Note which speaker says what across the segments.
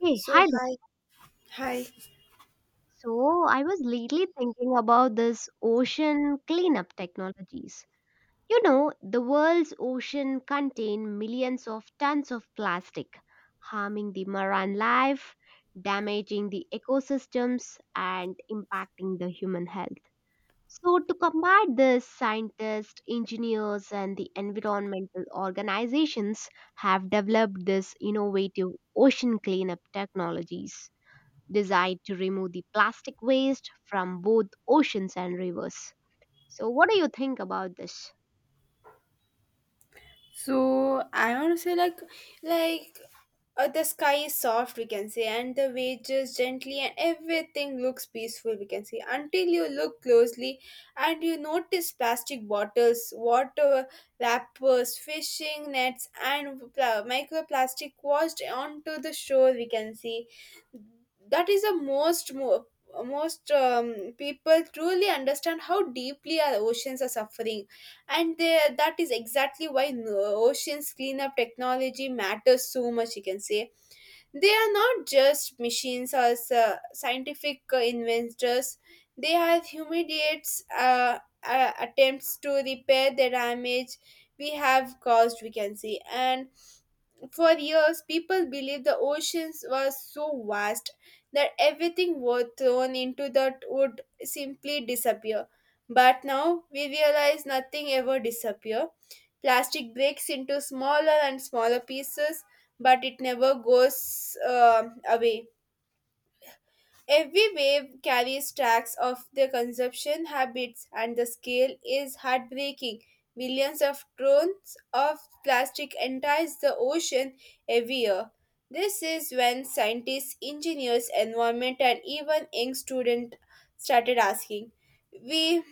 Speaker 1: Hey,
Speaker 2: So
Speaker 1: hi there.
Speaker 2: hi, hi.
Speaker 1: So, I was lately thinking about this ocean cleanup technologies. You know, the world's ocean contain millions of tons of plastic, harming the marine life, damaging the ecosystems, and impacting the human health. So, to combat this, scientists, engineers, and the environmental organizations have developed this innovative ocean cleanup technologies, designed to remove the plastic waste from both oceans and rivers. So, what do you think about this?
Speaker 2: So I want to say like the sky is soft, we can say, and the waves just gently, and everything looks peaceful, we can see, until you look closely and you notice plastic bottles, water wrappers, fishing nets and microplastic washed onto the shore, we can see. That is the most people truly understand how deeply our oceans are suffering, and there, that is exactly why oceans cleanup technology matters so much, you can say. They are not just machines or scientific inventors, they are humanities attempts to repair the damage we have caused, we can say. And for years, people believed the oceans were so vast that everything was thrown into that would simply disappear. But now we realize nothing ever disappears. Plastic breaks into smaller and smaller pieces, but it never goes away. Every wave carries tracks of their consumption habits, and the scale is heartbreaking. Millions of tons of plastic enters the ocean every year. This is when scientists, engineers, environment, and even young students started asking, "We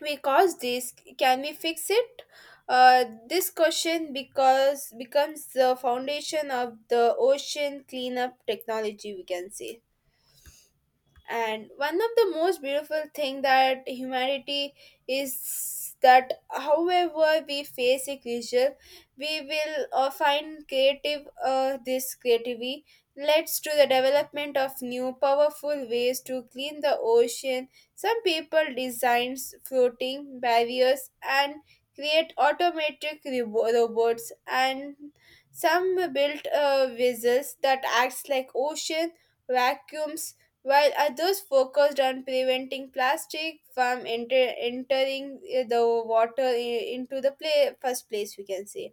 Speaker 2: caused this. Can we fix it?" Uh, this question because becomes the foundation of the ocean cleanup technology, we can say. And one of the most beautiful thing that humanity is that however we face a creature, we will find creative this creativity leads to the development of new powerful ways to clean the ocean. Some people designs floating barriers and create automatic robots, and some built vessels that acts like ocean vacuums, while others focused on preventing plastic from entering the water into the first place, we can say.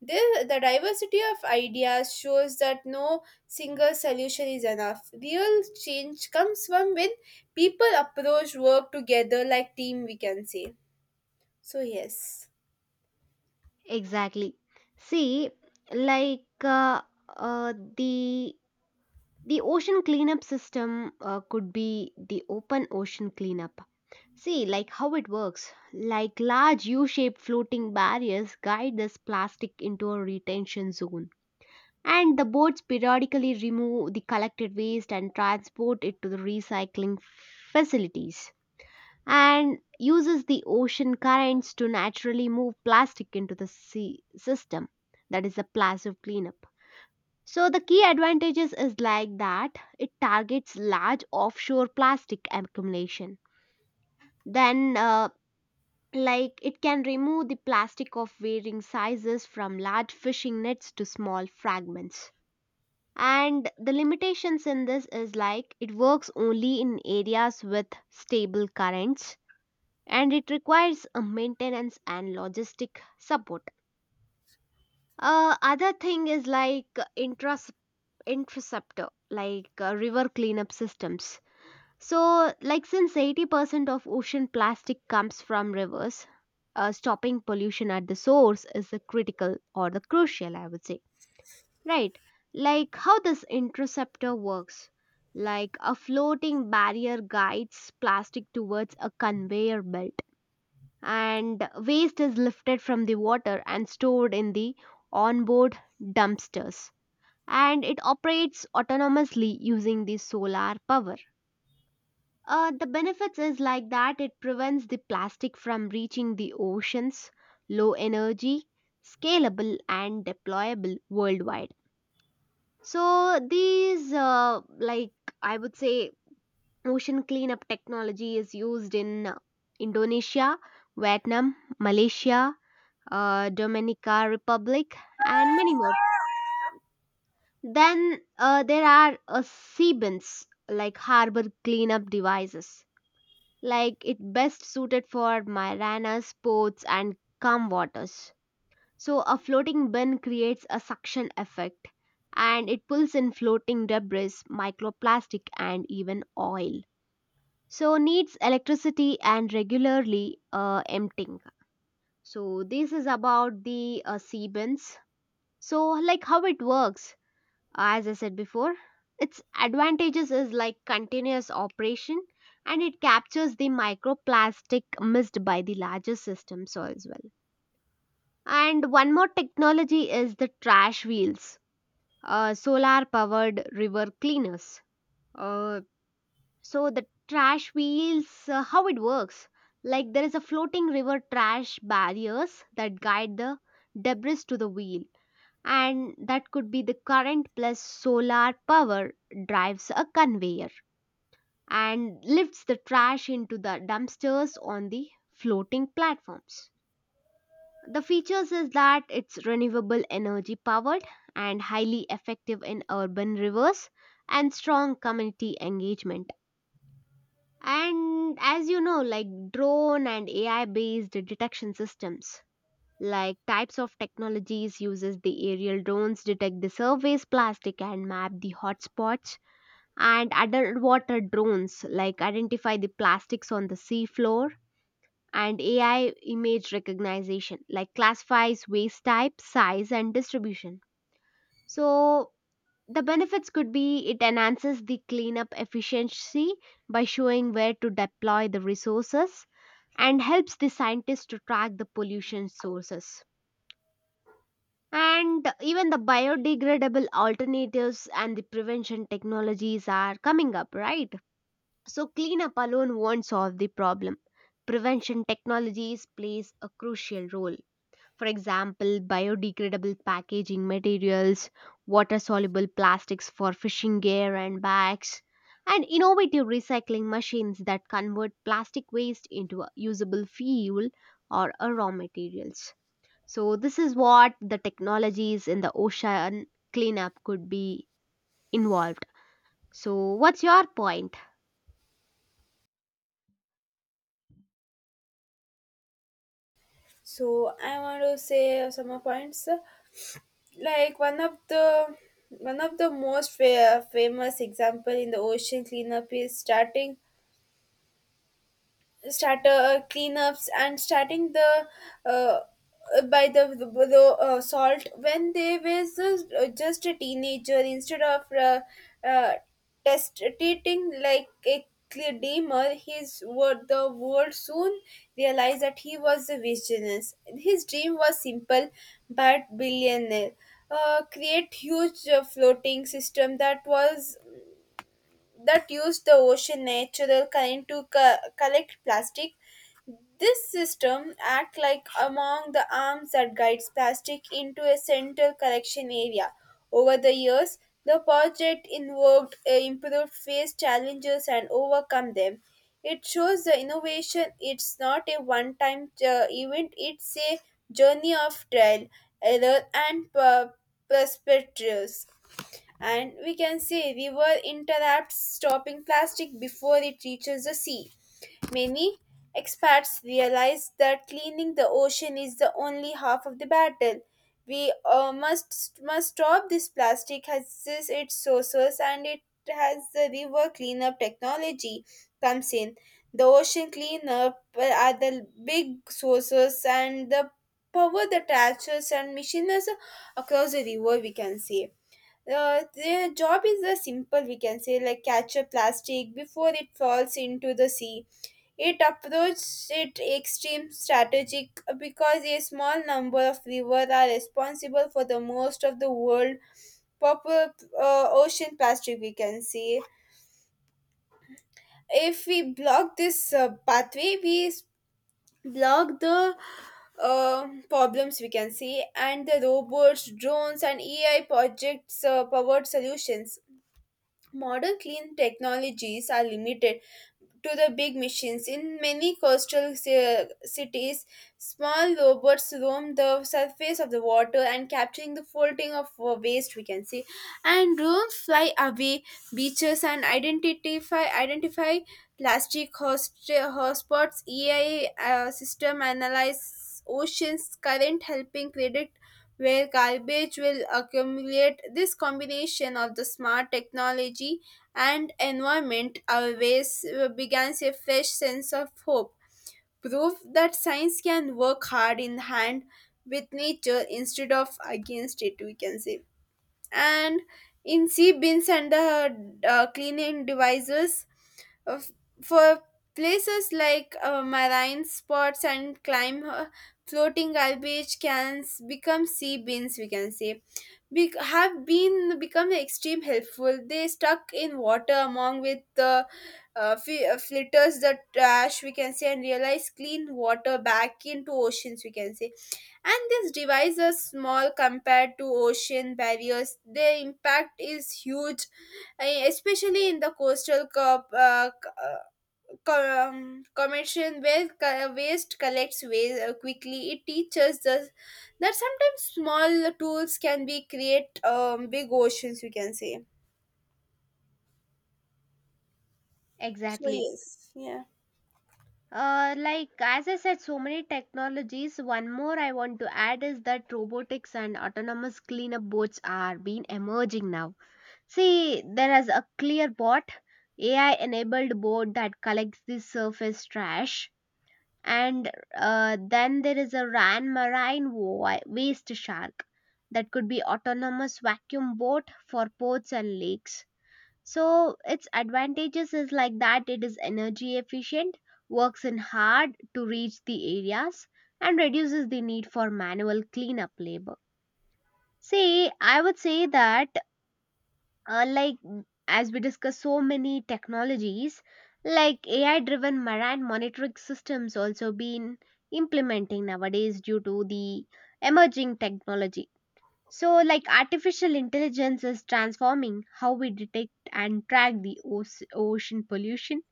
Speaker 2: This the diversity of ideas shows that no single solution is enough. Real change comes from when people approach work together like team, we can say. So yes.
Speaker 1: Exactly. See, like the ocean cleanup system could be the open ocean cleanup. See, like how it works. Like large U-shaped floating barriers guide this plastic into a retention zone, and the boats periodically remove the collected waste and transport it to the recycling facilities, and uses the ocean currents to naturally move plastic into the sea system. That is the plastic cleanup. So the key advantages is like that it targets large offshore plastic accumulation, then like it can remove the plastic of varying sizes from large fishing nets to small fragments. And the limitations in this is like it works only in areas with stable currents and it requires a maintenance and logistic support. Other thing is like intras- interceptor, like river cleanup systems. So, like since 80% of ocean plastic comes from rivers, stopping pollution at the source is the critical or the crucial, I would say. Right? Like how this interceptor works. Like a floating barrier guides plastic towards a conveyor belt, and waste is lifted from the water and stored in the onboard dumpsters, and it operates autonomously using the solar power. The benefits is like that it prevents the plastic from reaching the oceans, low energy, scalable and deployable worldwide. So these like, I would say, ocean cleanup technology is used in Indonesia, Vietnam, Malaysia, Dominica Republic, and many more. Then there are CBINs, like harbor cleanup devices, like it best suited for marinas, ports, and calm waters. So a floating bin creates a suction effect, and it pulls in floating debris, microplastic, and even oil. So needs electricity and regularly emptying. So this is about the sea. So, like how it works, as I said before, its advantages is like continuous operation and it captures the microplastic missed by the larger systems as well. And one more technology is the trash wheels, solar powered river cleaners. Uh, so, the trash wheels, how it works, like there is a floating river trash barriers that guide the debris to the wheel, and that could be the current plus solar power drives a conveyor and lifts the trash into the dumpsters on the floating platforms. The features is that it's renewable energy powered and highly effective in urban rivers and strong community engagement. And as you know, like drone and AI based detection systems, like types of technologies uses the aerial drones detect the surface plastic and map the hotspots, and underwater drones like identify the plastics on the seafloor, and ai image recognition like classifies waste type size and distribution. So the benefits could be it enhances the cleanup efficiency by showing where to deploy the resources and helps the scientists to track the pollution sources. And even the biodegradable alternatives and the prevention technologies are coming up, right? So, cleanup alone won't solve the problem. Prevention technologies plays a crucial role. For example, biodegradable packaging materials, water soluble plastics for fishing gear and bags, and innovative recycling machines that convert plastic waste into a usable fuel or a raw materials. So, this is what the technologies in the ocean cleanup could be involved. So, what's your point?
Speaker 2: So I want to say some more points, like one of the most famous example in the ocean cleanup is starting start cleanups, and starting the uh, by the salt, when they was just a teenager, instead of uh, testating like a dreamer, his word, the world soon realized that he was a visionist. His dream was simple but billionaire. Create huge floating system that used the ocean natural current to collect plastic. This system act like among the arms that guides plastic into a central collection area. Over the years, the project involved improved face challenges and overcome them. It shows the innovation. It's not a one-time event. It's a journey of trial, error, and perspectives. And we can say, river interrupts stopping plastic before it reaches the sea. Many expats realize that cleaning the ocean is the only half of the battle. We must stop this plastic has this its sources, and it has the river cleanup technology comes in. The ocean cleanup are the big sources and the power the tractors and machines across the river, we can say. Uh, their job is a simple, we can say, like catch a plastic before it falls into the sea. It approaches it extreme strategic because a small number of rivers are responsible for the most of the world popular ocean plastic, we can say. If we block this pathway, we block the problems, we can see. And the robots, drones and AI projects powered solutions. Modern clean technologies are limited to the big machines. In many coastal cities, small robots roam the surface of the water and capturing the floating of waste, we can see. And drones fly away beaches and identify plastic hotspots. AI system analyze oceans current, helping predict where garbage will accumulate. This combination of the smart technology and environment always begins a fresh sense of hope. Proof that science can work hard in hand with nature instead of against it, we can say. And in sea bins and the cleaning devices uh, for places like marine spots and climb floating garbage cans become sea bins, we can say, have been become extreme helpful. They stuck in water among with the filters the trash, we can say, and realize clean water back into oceans, we can say. And this device is small compared to ocean barriers. Their impact is huge, especially in the coastal commission where waste collects waste quickly. It teaches us that sometimes small tools can be create big oceans, we can say. So
Speaker 1: Exactly.
Speaker 2: yes. Yeah,
Speaker 1: Like as I said, so many technologies. One more I want to add is that robotics and autonomous cleanup boats are being emerging now. See, there is a clear bot, AI enabled boat that collects the surface trash. And then there is a Ran marine waste shark that could be autonomous vacuum boat for ports and lakes. So its advantages is like that it is energy efficient, works in hard to reach the areas and reduces the need for manual cleanup labor. See, I would say that like as we discuss so many technologies, like ai driven marine monitoring systems also been implementing nowadays due to the emerging technology. So like artificial intelligence is transforming how we detect and track the ocean pollution.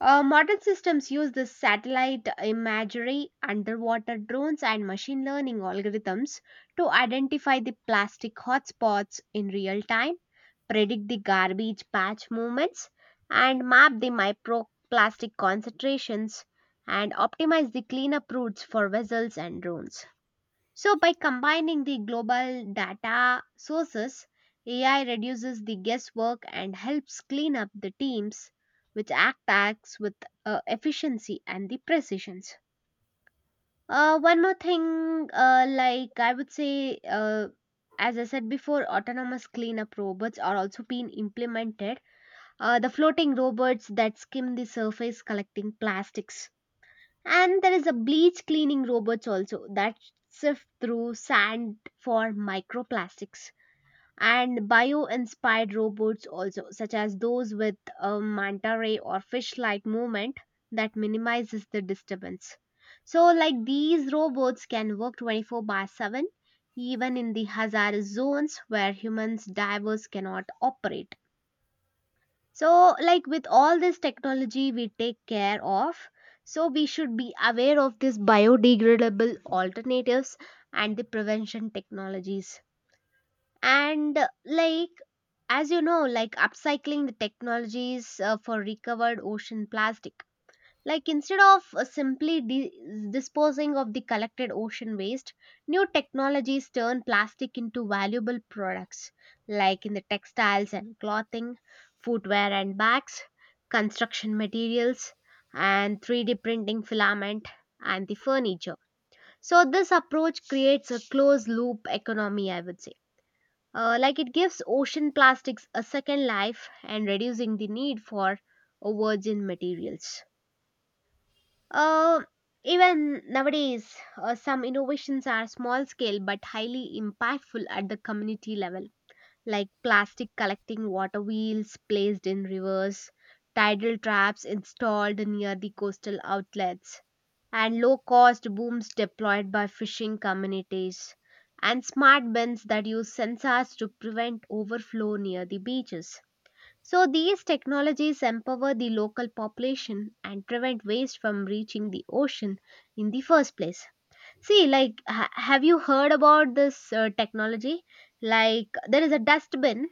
Speaker 1: Modern systems use the satellite imagery, underwater drones, and machine learning algorithms to identify the plastic hotspots in real time, predict the garbage patch movements, and map the microplastic concentrations and optimize the cleanup routes for vessels and drones. So, by combining the global data sources, AI reduces the guesswork and helps clean up the teams which acts with efficiency and the precisions. One more thing, like I would say, as I said before, autonomous cleanup robots are also being implemented, the floating robots that skim the surface collecting plastics. And there is a bleach cleaning robots also that sift through sand for microplastics. And bio inspired robots also, such as those with a manta ray or fish like movement that minimizes the disturbance. So, like these robots can work 24 by 7, even in the hazardous zones where humans divers cannot operate. So, like with all this technology we take care of, so we should be aware of these biodegradable alternatives and the prevention technologies. And, like, as you know, like upcycling the technologies for recovered ocean plastic, like instead of simply disposing of the collected ocean waste, new technologies turn plastic into valuable products like in the textiles and clothing, footwear and bags, construction materials, and 3D printing filament and the furniture. So this approach creates a closed loop economy, I would say. Like it gives ocean plastics a second life and reducing the need for virgin materials. Uh, Even nowadays, some innovations are small scale but highly impactful at the community level, like plastic collecting water wheels placed in rivers, tidal traps installed near the coastal outlets, and low cost booms deployed by fishing communities, and smart bins that use sensors to prevent overflow near the beaches. So, these technologies empower the local population and prevent waste from reaching the ocean in the first place. See, like, have you heard about this technology? Like, there is a dustbin,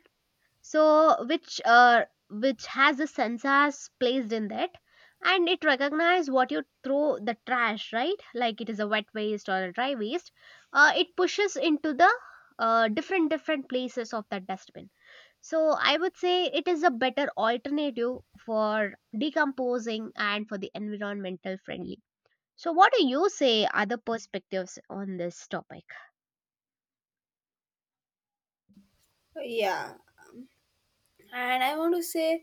Speaker 1: so which has the sensors placed in that, and it recognizes what you throw the trash, right? Like, it is a wet waste or a dry waste. It pushes into the different places of that dustbin. So I would say it is a better alternative for decomposing and for the environmental friendly. So what do you say other perspectives on this topic?
Speaker 2: yeah. And I want to say,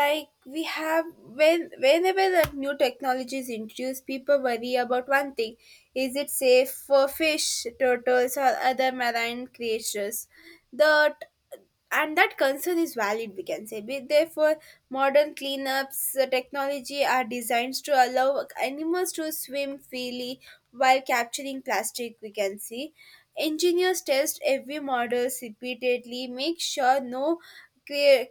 Speaker 2: like we have when whenever the new technology is introduced, people worry about one thing: is it safe for fish, turtles or other marine creatures? The And that concern is valid, we can say. Therefore, modern cleanups technology are designed to allow animals to swim freely while capturing plastic, we can see. Engineers test every model repeatedly, make sure no crea-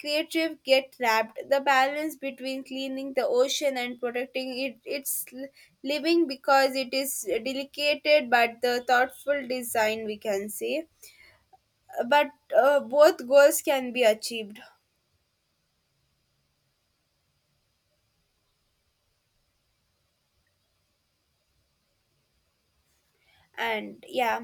Speaker 2: creative get trapped. The balance between cleaning the ocean and protecting it its living, because it is delicate, but the thoughtful design, we can say, but both goals can be achieved. And yeah,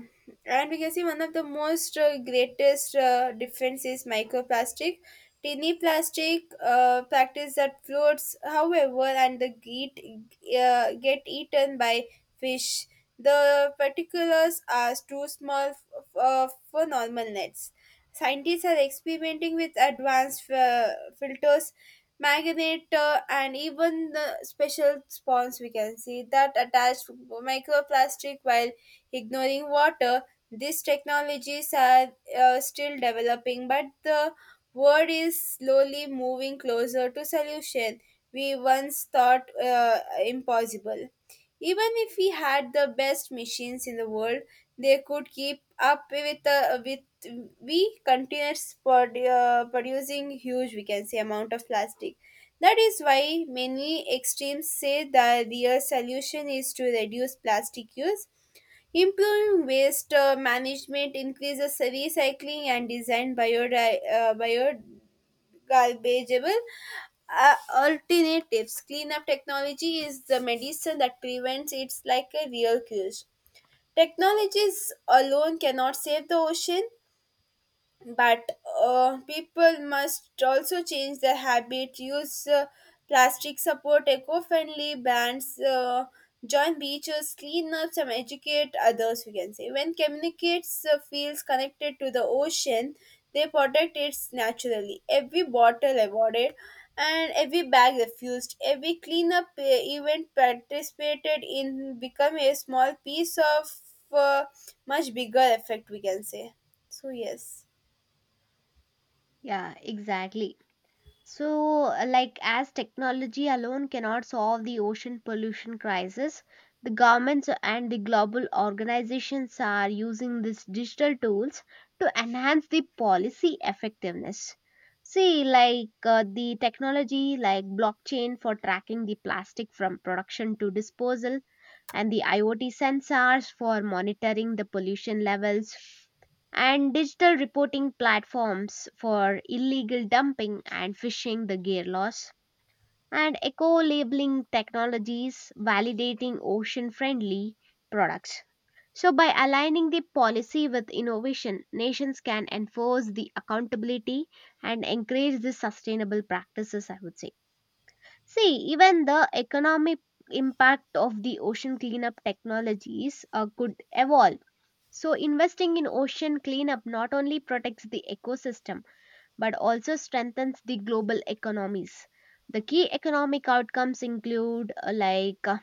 Speaker 2: and we can see, one of the most greatest difference is microplastic, tiny plastic practice that floats however and the get eaten by fish. The particulars are too small for normal nets. Scientists are experimenting with advanced filters, magnet and even the special spawns, we can see, that attach microplastic while ignoring water. These technologies are still developing, but the world is slowly moving closer to solution we once thought impossible. Even if we had the best machines in the world, they could keep up with we continuous producing huge, we can say, amount of plastic. That is why many extremes say the real solution is to reduce plastic use. Improving waste management, increases recycling and design biogarbageable alternatives. Cleanup technology is the medicine that prevents, it's like a real cure. Technologies alone cannot save the ocean, but people must also change their habit, use plastic, support eco-friendly brands, join beaches cleanups and educate others, we can say. When communicates feels connected to the ocean, they protect it naturally. Every bottle avoided, and every bag refused, every cleanup event participated in become a small piece of uh, much bigger effect, we can say. So yes.
Speaker 1: Yeah, exactly. So, like as technology alone cannot solve the ocean pollution crisis, the governments and the global organizations are using these digital tools to enhance the policy effectiveness. See, like the technology like blockchain for tracking the plastic from production to disposal, and the IoT sensors for monitoring the pollution levels, and digital reporting platforms for illegal dumping and fishing the gear loss, and eco labeling technologies validating ocean friendly products. So, by aligning the policy with innovation, nations can enforce the accountability and encourage the sustainable practices, I would say. See, even the economic impact of the ocean cleanup technologies could evolve. So, investing in ocean cleanup not only protects the ecosystem but also strengthens the global economies. The key economic outcomes include, like,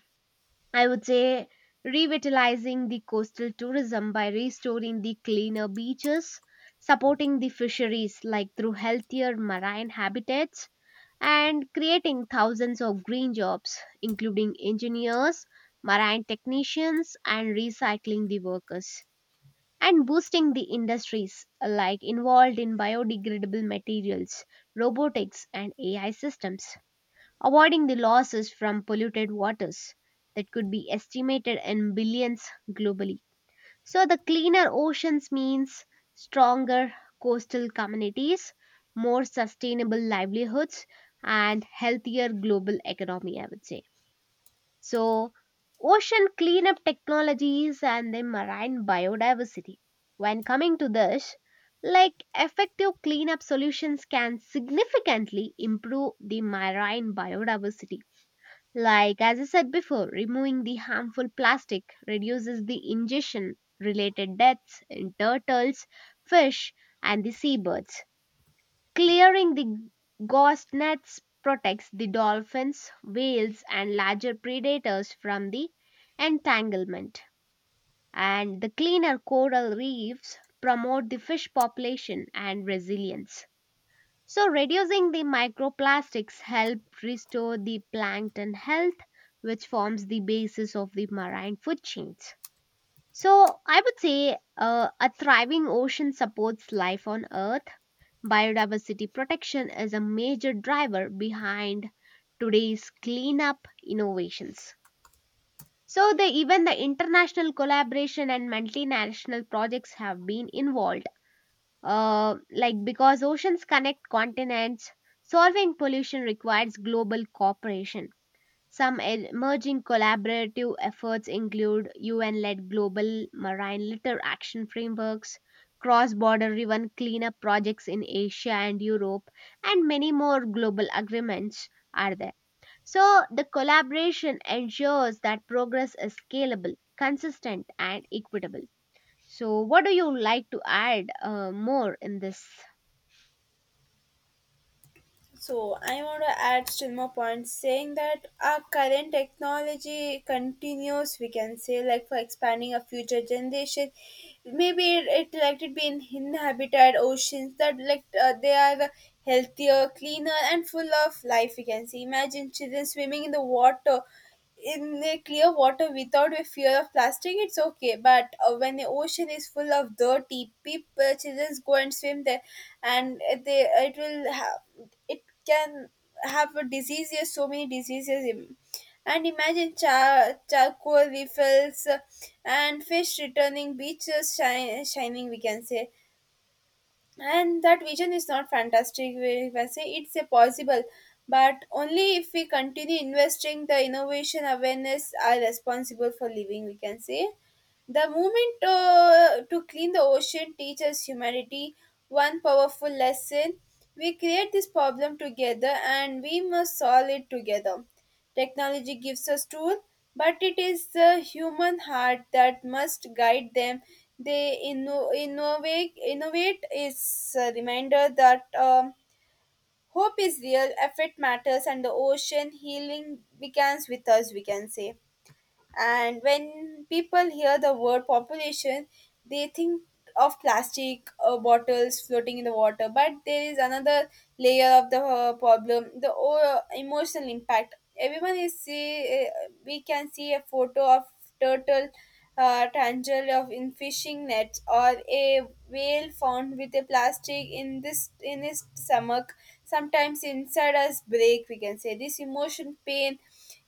Speaker 1: I would say, revitalizing the coastal tourism by restoring the cleaner beaches, supporting the fisheries, like through healthier marine habitats, and creating thousands of green jobs, including engineers, marine technicians, and recycling the workers, and boosting the industries like involved in biodegradable materials, robotics, and AI systems, avoiding the losses from polluted waters that could be estimated in billions globally. So, the cleaner oceans means stronger coastal communities, more sustainable livelihoods, and healthier global economy, I would say. So, ocean cleanup technologies and the marine biodiversity. When coming to this, like effective cleanup solutions can significantly improve the marine biodiversity, like, as I said before, removing the harmful plastic reduces the ingestion related deaths in turtles, fish, and the seabirds. Clearing the gauze nets protects the dolphins, whales, and larger predators from the entanglement. And the cleaner coral reefs promote the fish population and resilience. So reducing the microplastics help restore the plankton health which forms the basis of the marine food chains. So I would say a thriving ocean supports life on earth. Biodiversity protection is a major driver behind today's cleanup innovations. So the even the international collaboration and multinational projects have been involved like because oceans connect continents, solving pollution requires global cooperation. Some emerging collaborative efforts include UN led global marine litter action frameworks, cross border river cleanup projects in Asia and Europe, and many more global agreements are there. So, the collaboration ensures that progress is scalable, consistent, and equitable. So, what do you like to add more in this?
Speaker 2: So I want to add still more points, saying that our current technology continues, we can say, like for expanding a future generation. Maybe it like it be in inhabited oceans that like they are healthier, cleaner, and full of life, we can see. Imagine children swimming in the water, in the clear water, without a fear of plastic, it's okay. But when the ocean is full of dirty people, children go and swim there, and they it will have it can have a diseases, so many diseases. And imagine charcoal refills and fish returning, beaches shining, we can say. And that vision is not fantastic, if I say it's a possible, but only if we continue investing the innovation awareness are responsible for living, we can say. The movement to clean the ocean teaches humanity one powerful lesson: we create this problem together, and we must solve it together. Technology gives us tools, but it is the human heart that must guide them. They innovate. Innovate is a reminder that hope is real, effort matters, and the ocean healing begins with us, we can say. And when people hear the word population, they think of plastic bottles floating in the water. But there is another layer of the problem: the emotional impact. Everyone is see. We can see a photo of turtle. Tangle of in fishing nets, or a whale found with a plastic in his stomach, sometimes inside us break, we can say. This emotion pain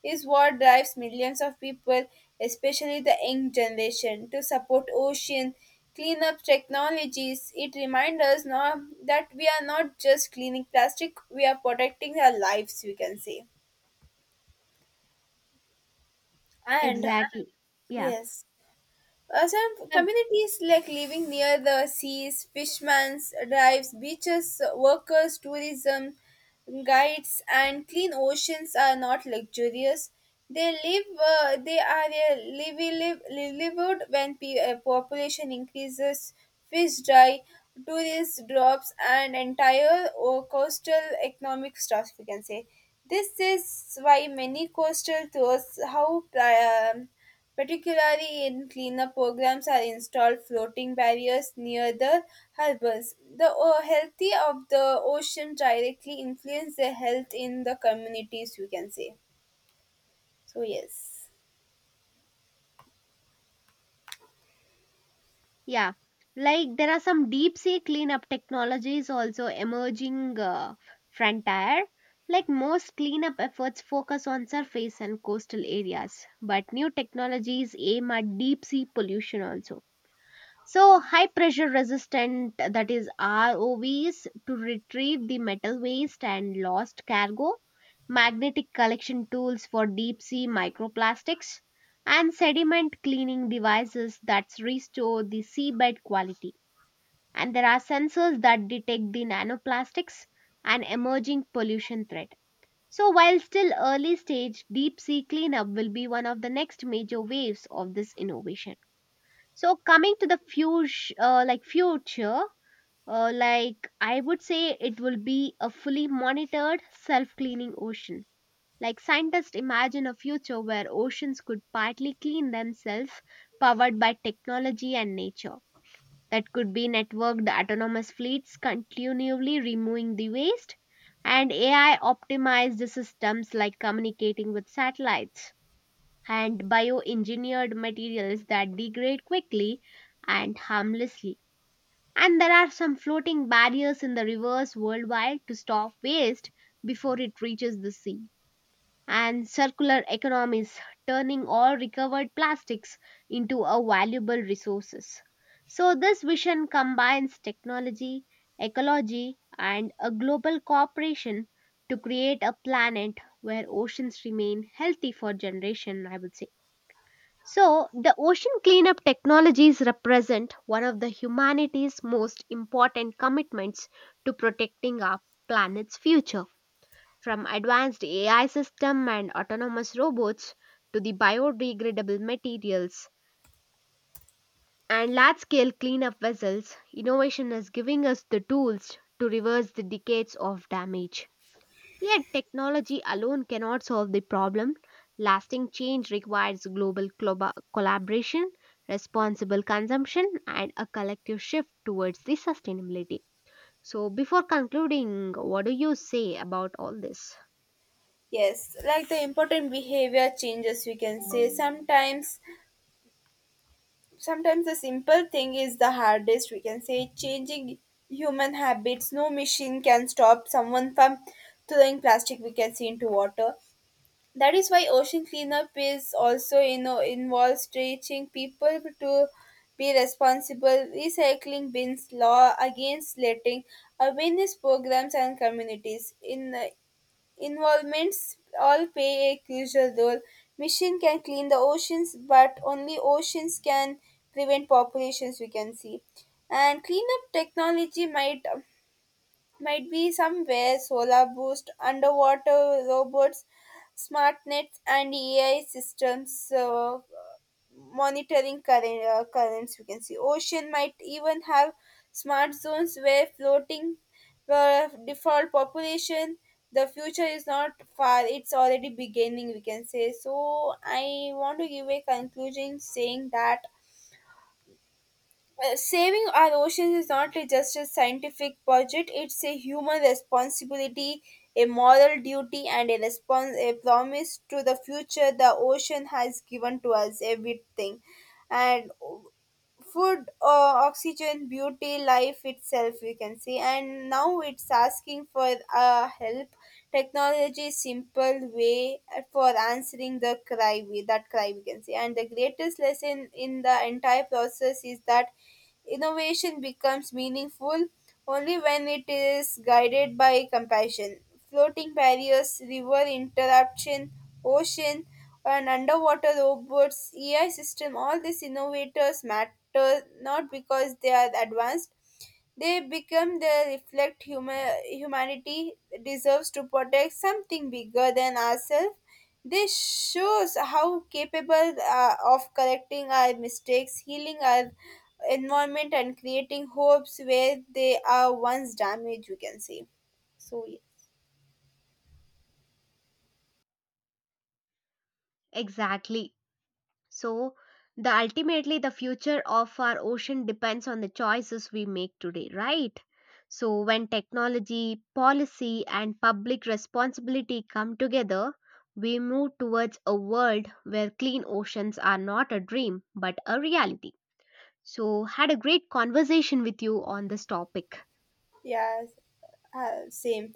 Speaker 2: is what drives millions of people, especially the young generation, to support ocean cleanup technologies. It reminds us now that we are not just cleaning plastic, we are protecting our lives, we can say. And
Speaker 1: Exactly. Yeah.
Speaker 2: yes. Some
Speaker 1: And—
Speaker 2: communities like living near the seas, fishmen's drives, beaches, workers, tourism, guides, and clean oceans are not luxurious. They live. They are a livy live livelihood. When population increases, fish dry, tourist drops, and entire coastal economic stuff, we can say. This is why many coastal tours how. Particularly in cleanup programs are installed floating barriers near the harbours. The healthy of the ocean directly influence the health in the communities, we can say. So yes.
Speaker 1: yeah. Like there are some deep sea cleanup technologies also emerging frontier. Like most cleanup efforts focus on surface and coastal areas, but new technologies aim at deep sea pollution also. So, high pressure resistant, that is ROVs, to retrieve the metal waste and lost cargo, magnetic collection tools for deep sea microplastics, and sediment cleaning devices that restore the seabed quality. And there are sensors that detect the nanoplastics and emerging pollution threat. So, while still early stage, deep sea cleanup will be one of the next major waves of this innovation. So coming to the future, like future, like I would say it will be a fully monitored self-cleaning ocean. Like scientists imagine a future where oceans could partly clean themselves, powered by technology and nature. That could be networked autonomous fleets continually removing the waste, and AI optimized systems like communicating with satellites, and bioengineered materials that degrade quickly and harmlessly. And there are some floating barriers in the rivers worldwide to stop waste before it reaches the sea. And circular economies turning all recovered plastics into a valuable resources. So this vision combines technology, ecology and a global cooperation to create a planet where oceans remain healthy for generation, I would say. So, the ocean cleanup technologies represent one of the humanity's most important commitments to protecting our planet's future. From advanced AI systems and autonomous robots to the biodegradable materials and large scale cleanup vessels, innovation is giving us the tools to reverse the decades of damage. Yet, technology alone cannot solve the problem. Lasting change requires global collaboration, responsible consumption, and a collective shift towards the sustainability. So, before concluding, what do you say about all this?
Speaker 2: Yes, like the important behavior changes, we can say, sometimes the simple thing is the hardest, we can say. Changing human habits, no machine can stop someone from throwing plastic, we can see, into water. That is why ocean cleanup is also involves teaching people to be responsible: recycling bins, law against letting, awareness programs and communities. In involvements all play a crucial role. Mission can clean the oceans, but only oceans can prevent populations, we can see. And cleanup technology might be somewhere solar boost, underwater robots, smart nets, and AI systems monitoring current, currents, we can see. Ocean might even have smart zones where floating the default population. The future is not far; it's already beginning, we can say. So I want to give a conclusion saying that saving our oceans is not just a scientific project, it's a human responsibility, a moral duty, and a promise to the future. The ocean has given to us everything, and food, oxygen, beauty, life itself, we can see, and now it's asking for help. Technology is simple way for answering the cry, we that cry, we can see. And the greatest lesson in the entire process is that innovation becomes meaningful only when it is guided by compassion. Floating barriers, river interruption, ocean, and underwater robots, AI system, all these innovators matter not because they are advanced, they become the reflect humanity deserves to protect something bigger than ourselves. This shows how capable of correcting our mistakes, healing our environment, and creating hopes where they are once damaged, we can say. So.
Speaker 1: Exactly. So, the ultimately the future of our ocean depends on the choices we make today, right? So, when technology, policy, and public responsibility come together, we move towards a world where clean oceans are not a dream but a reality. So, had a great conversation with you on this topic.
Speaker 2: Yeah, same.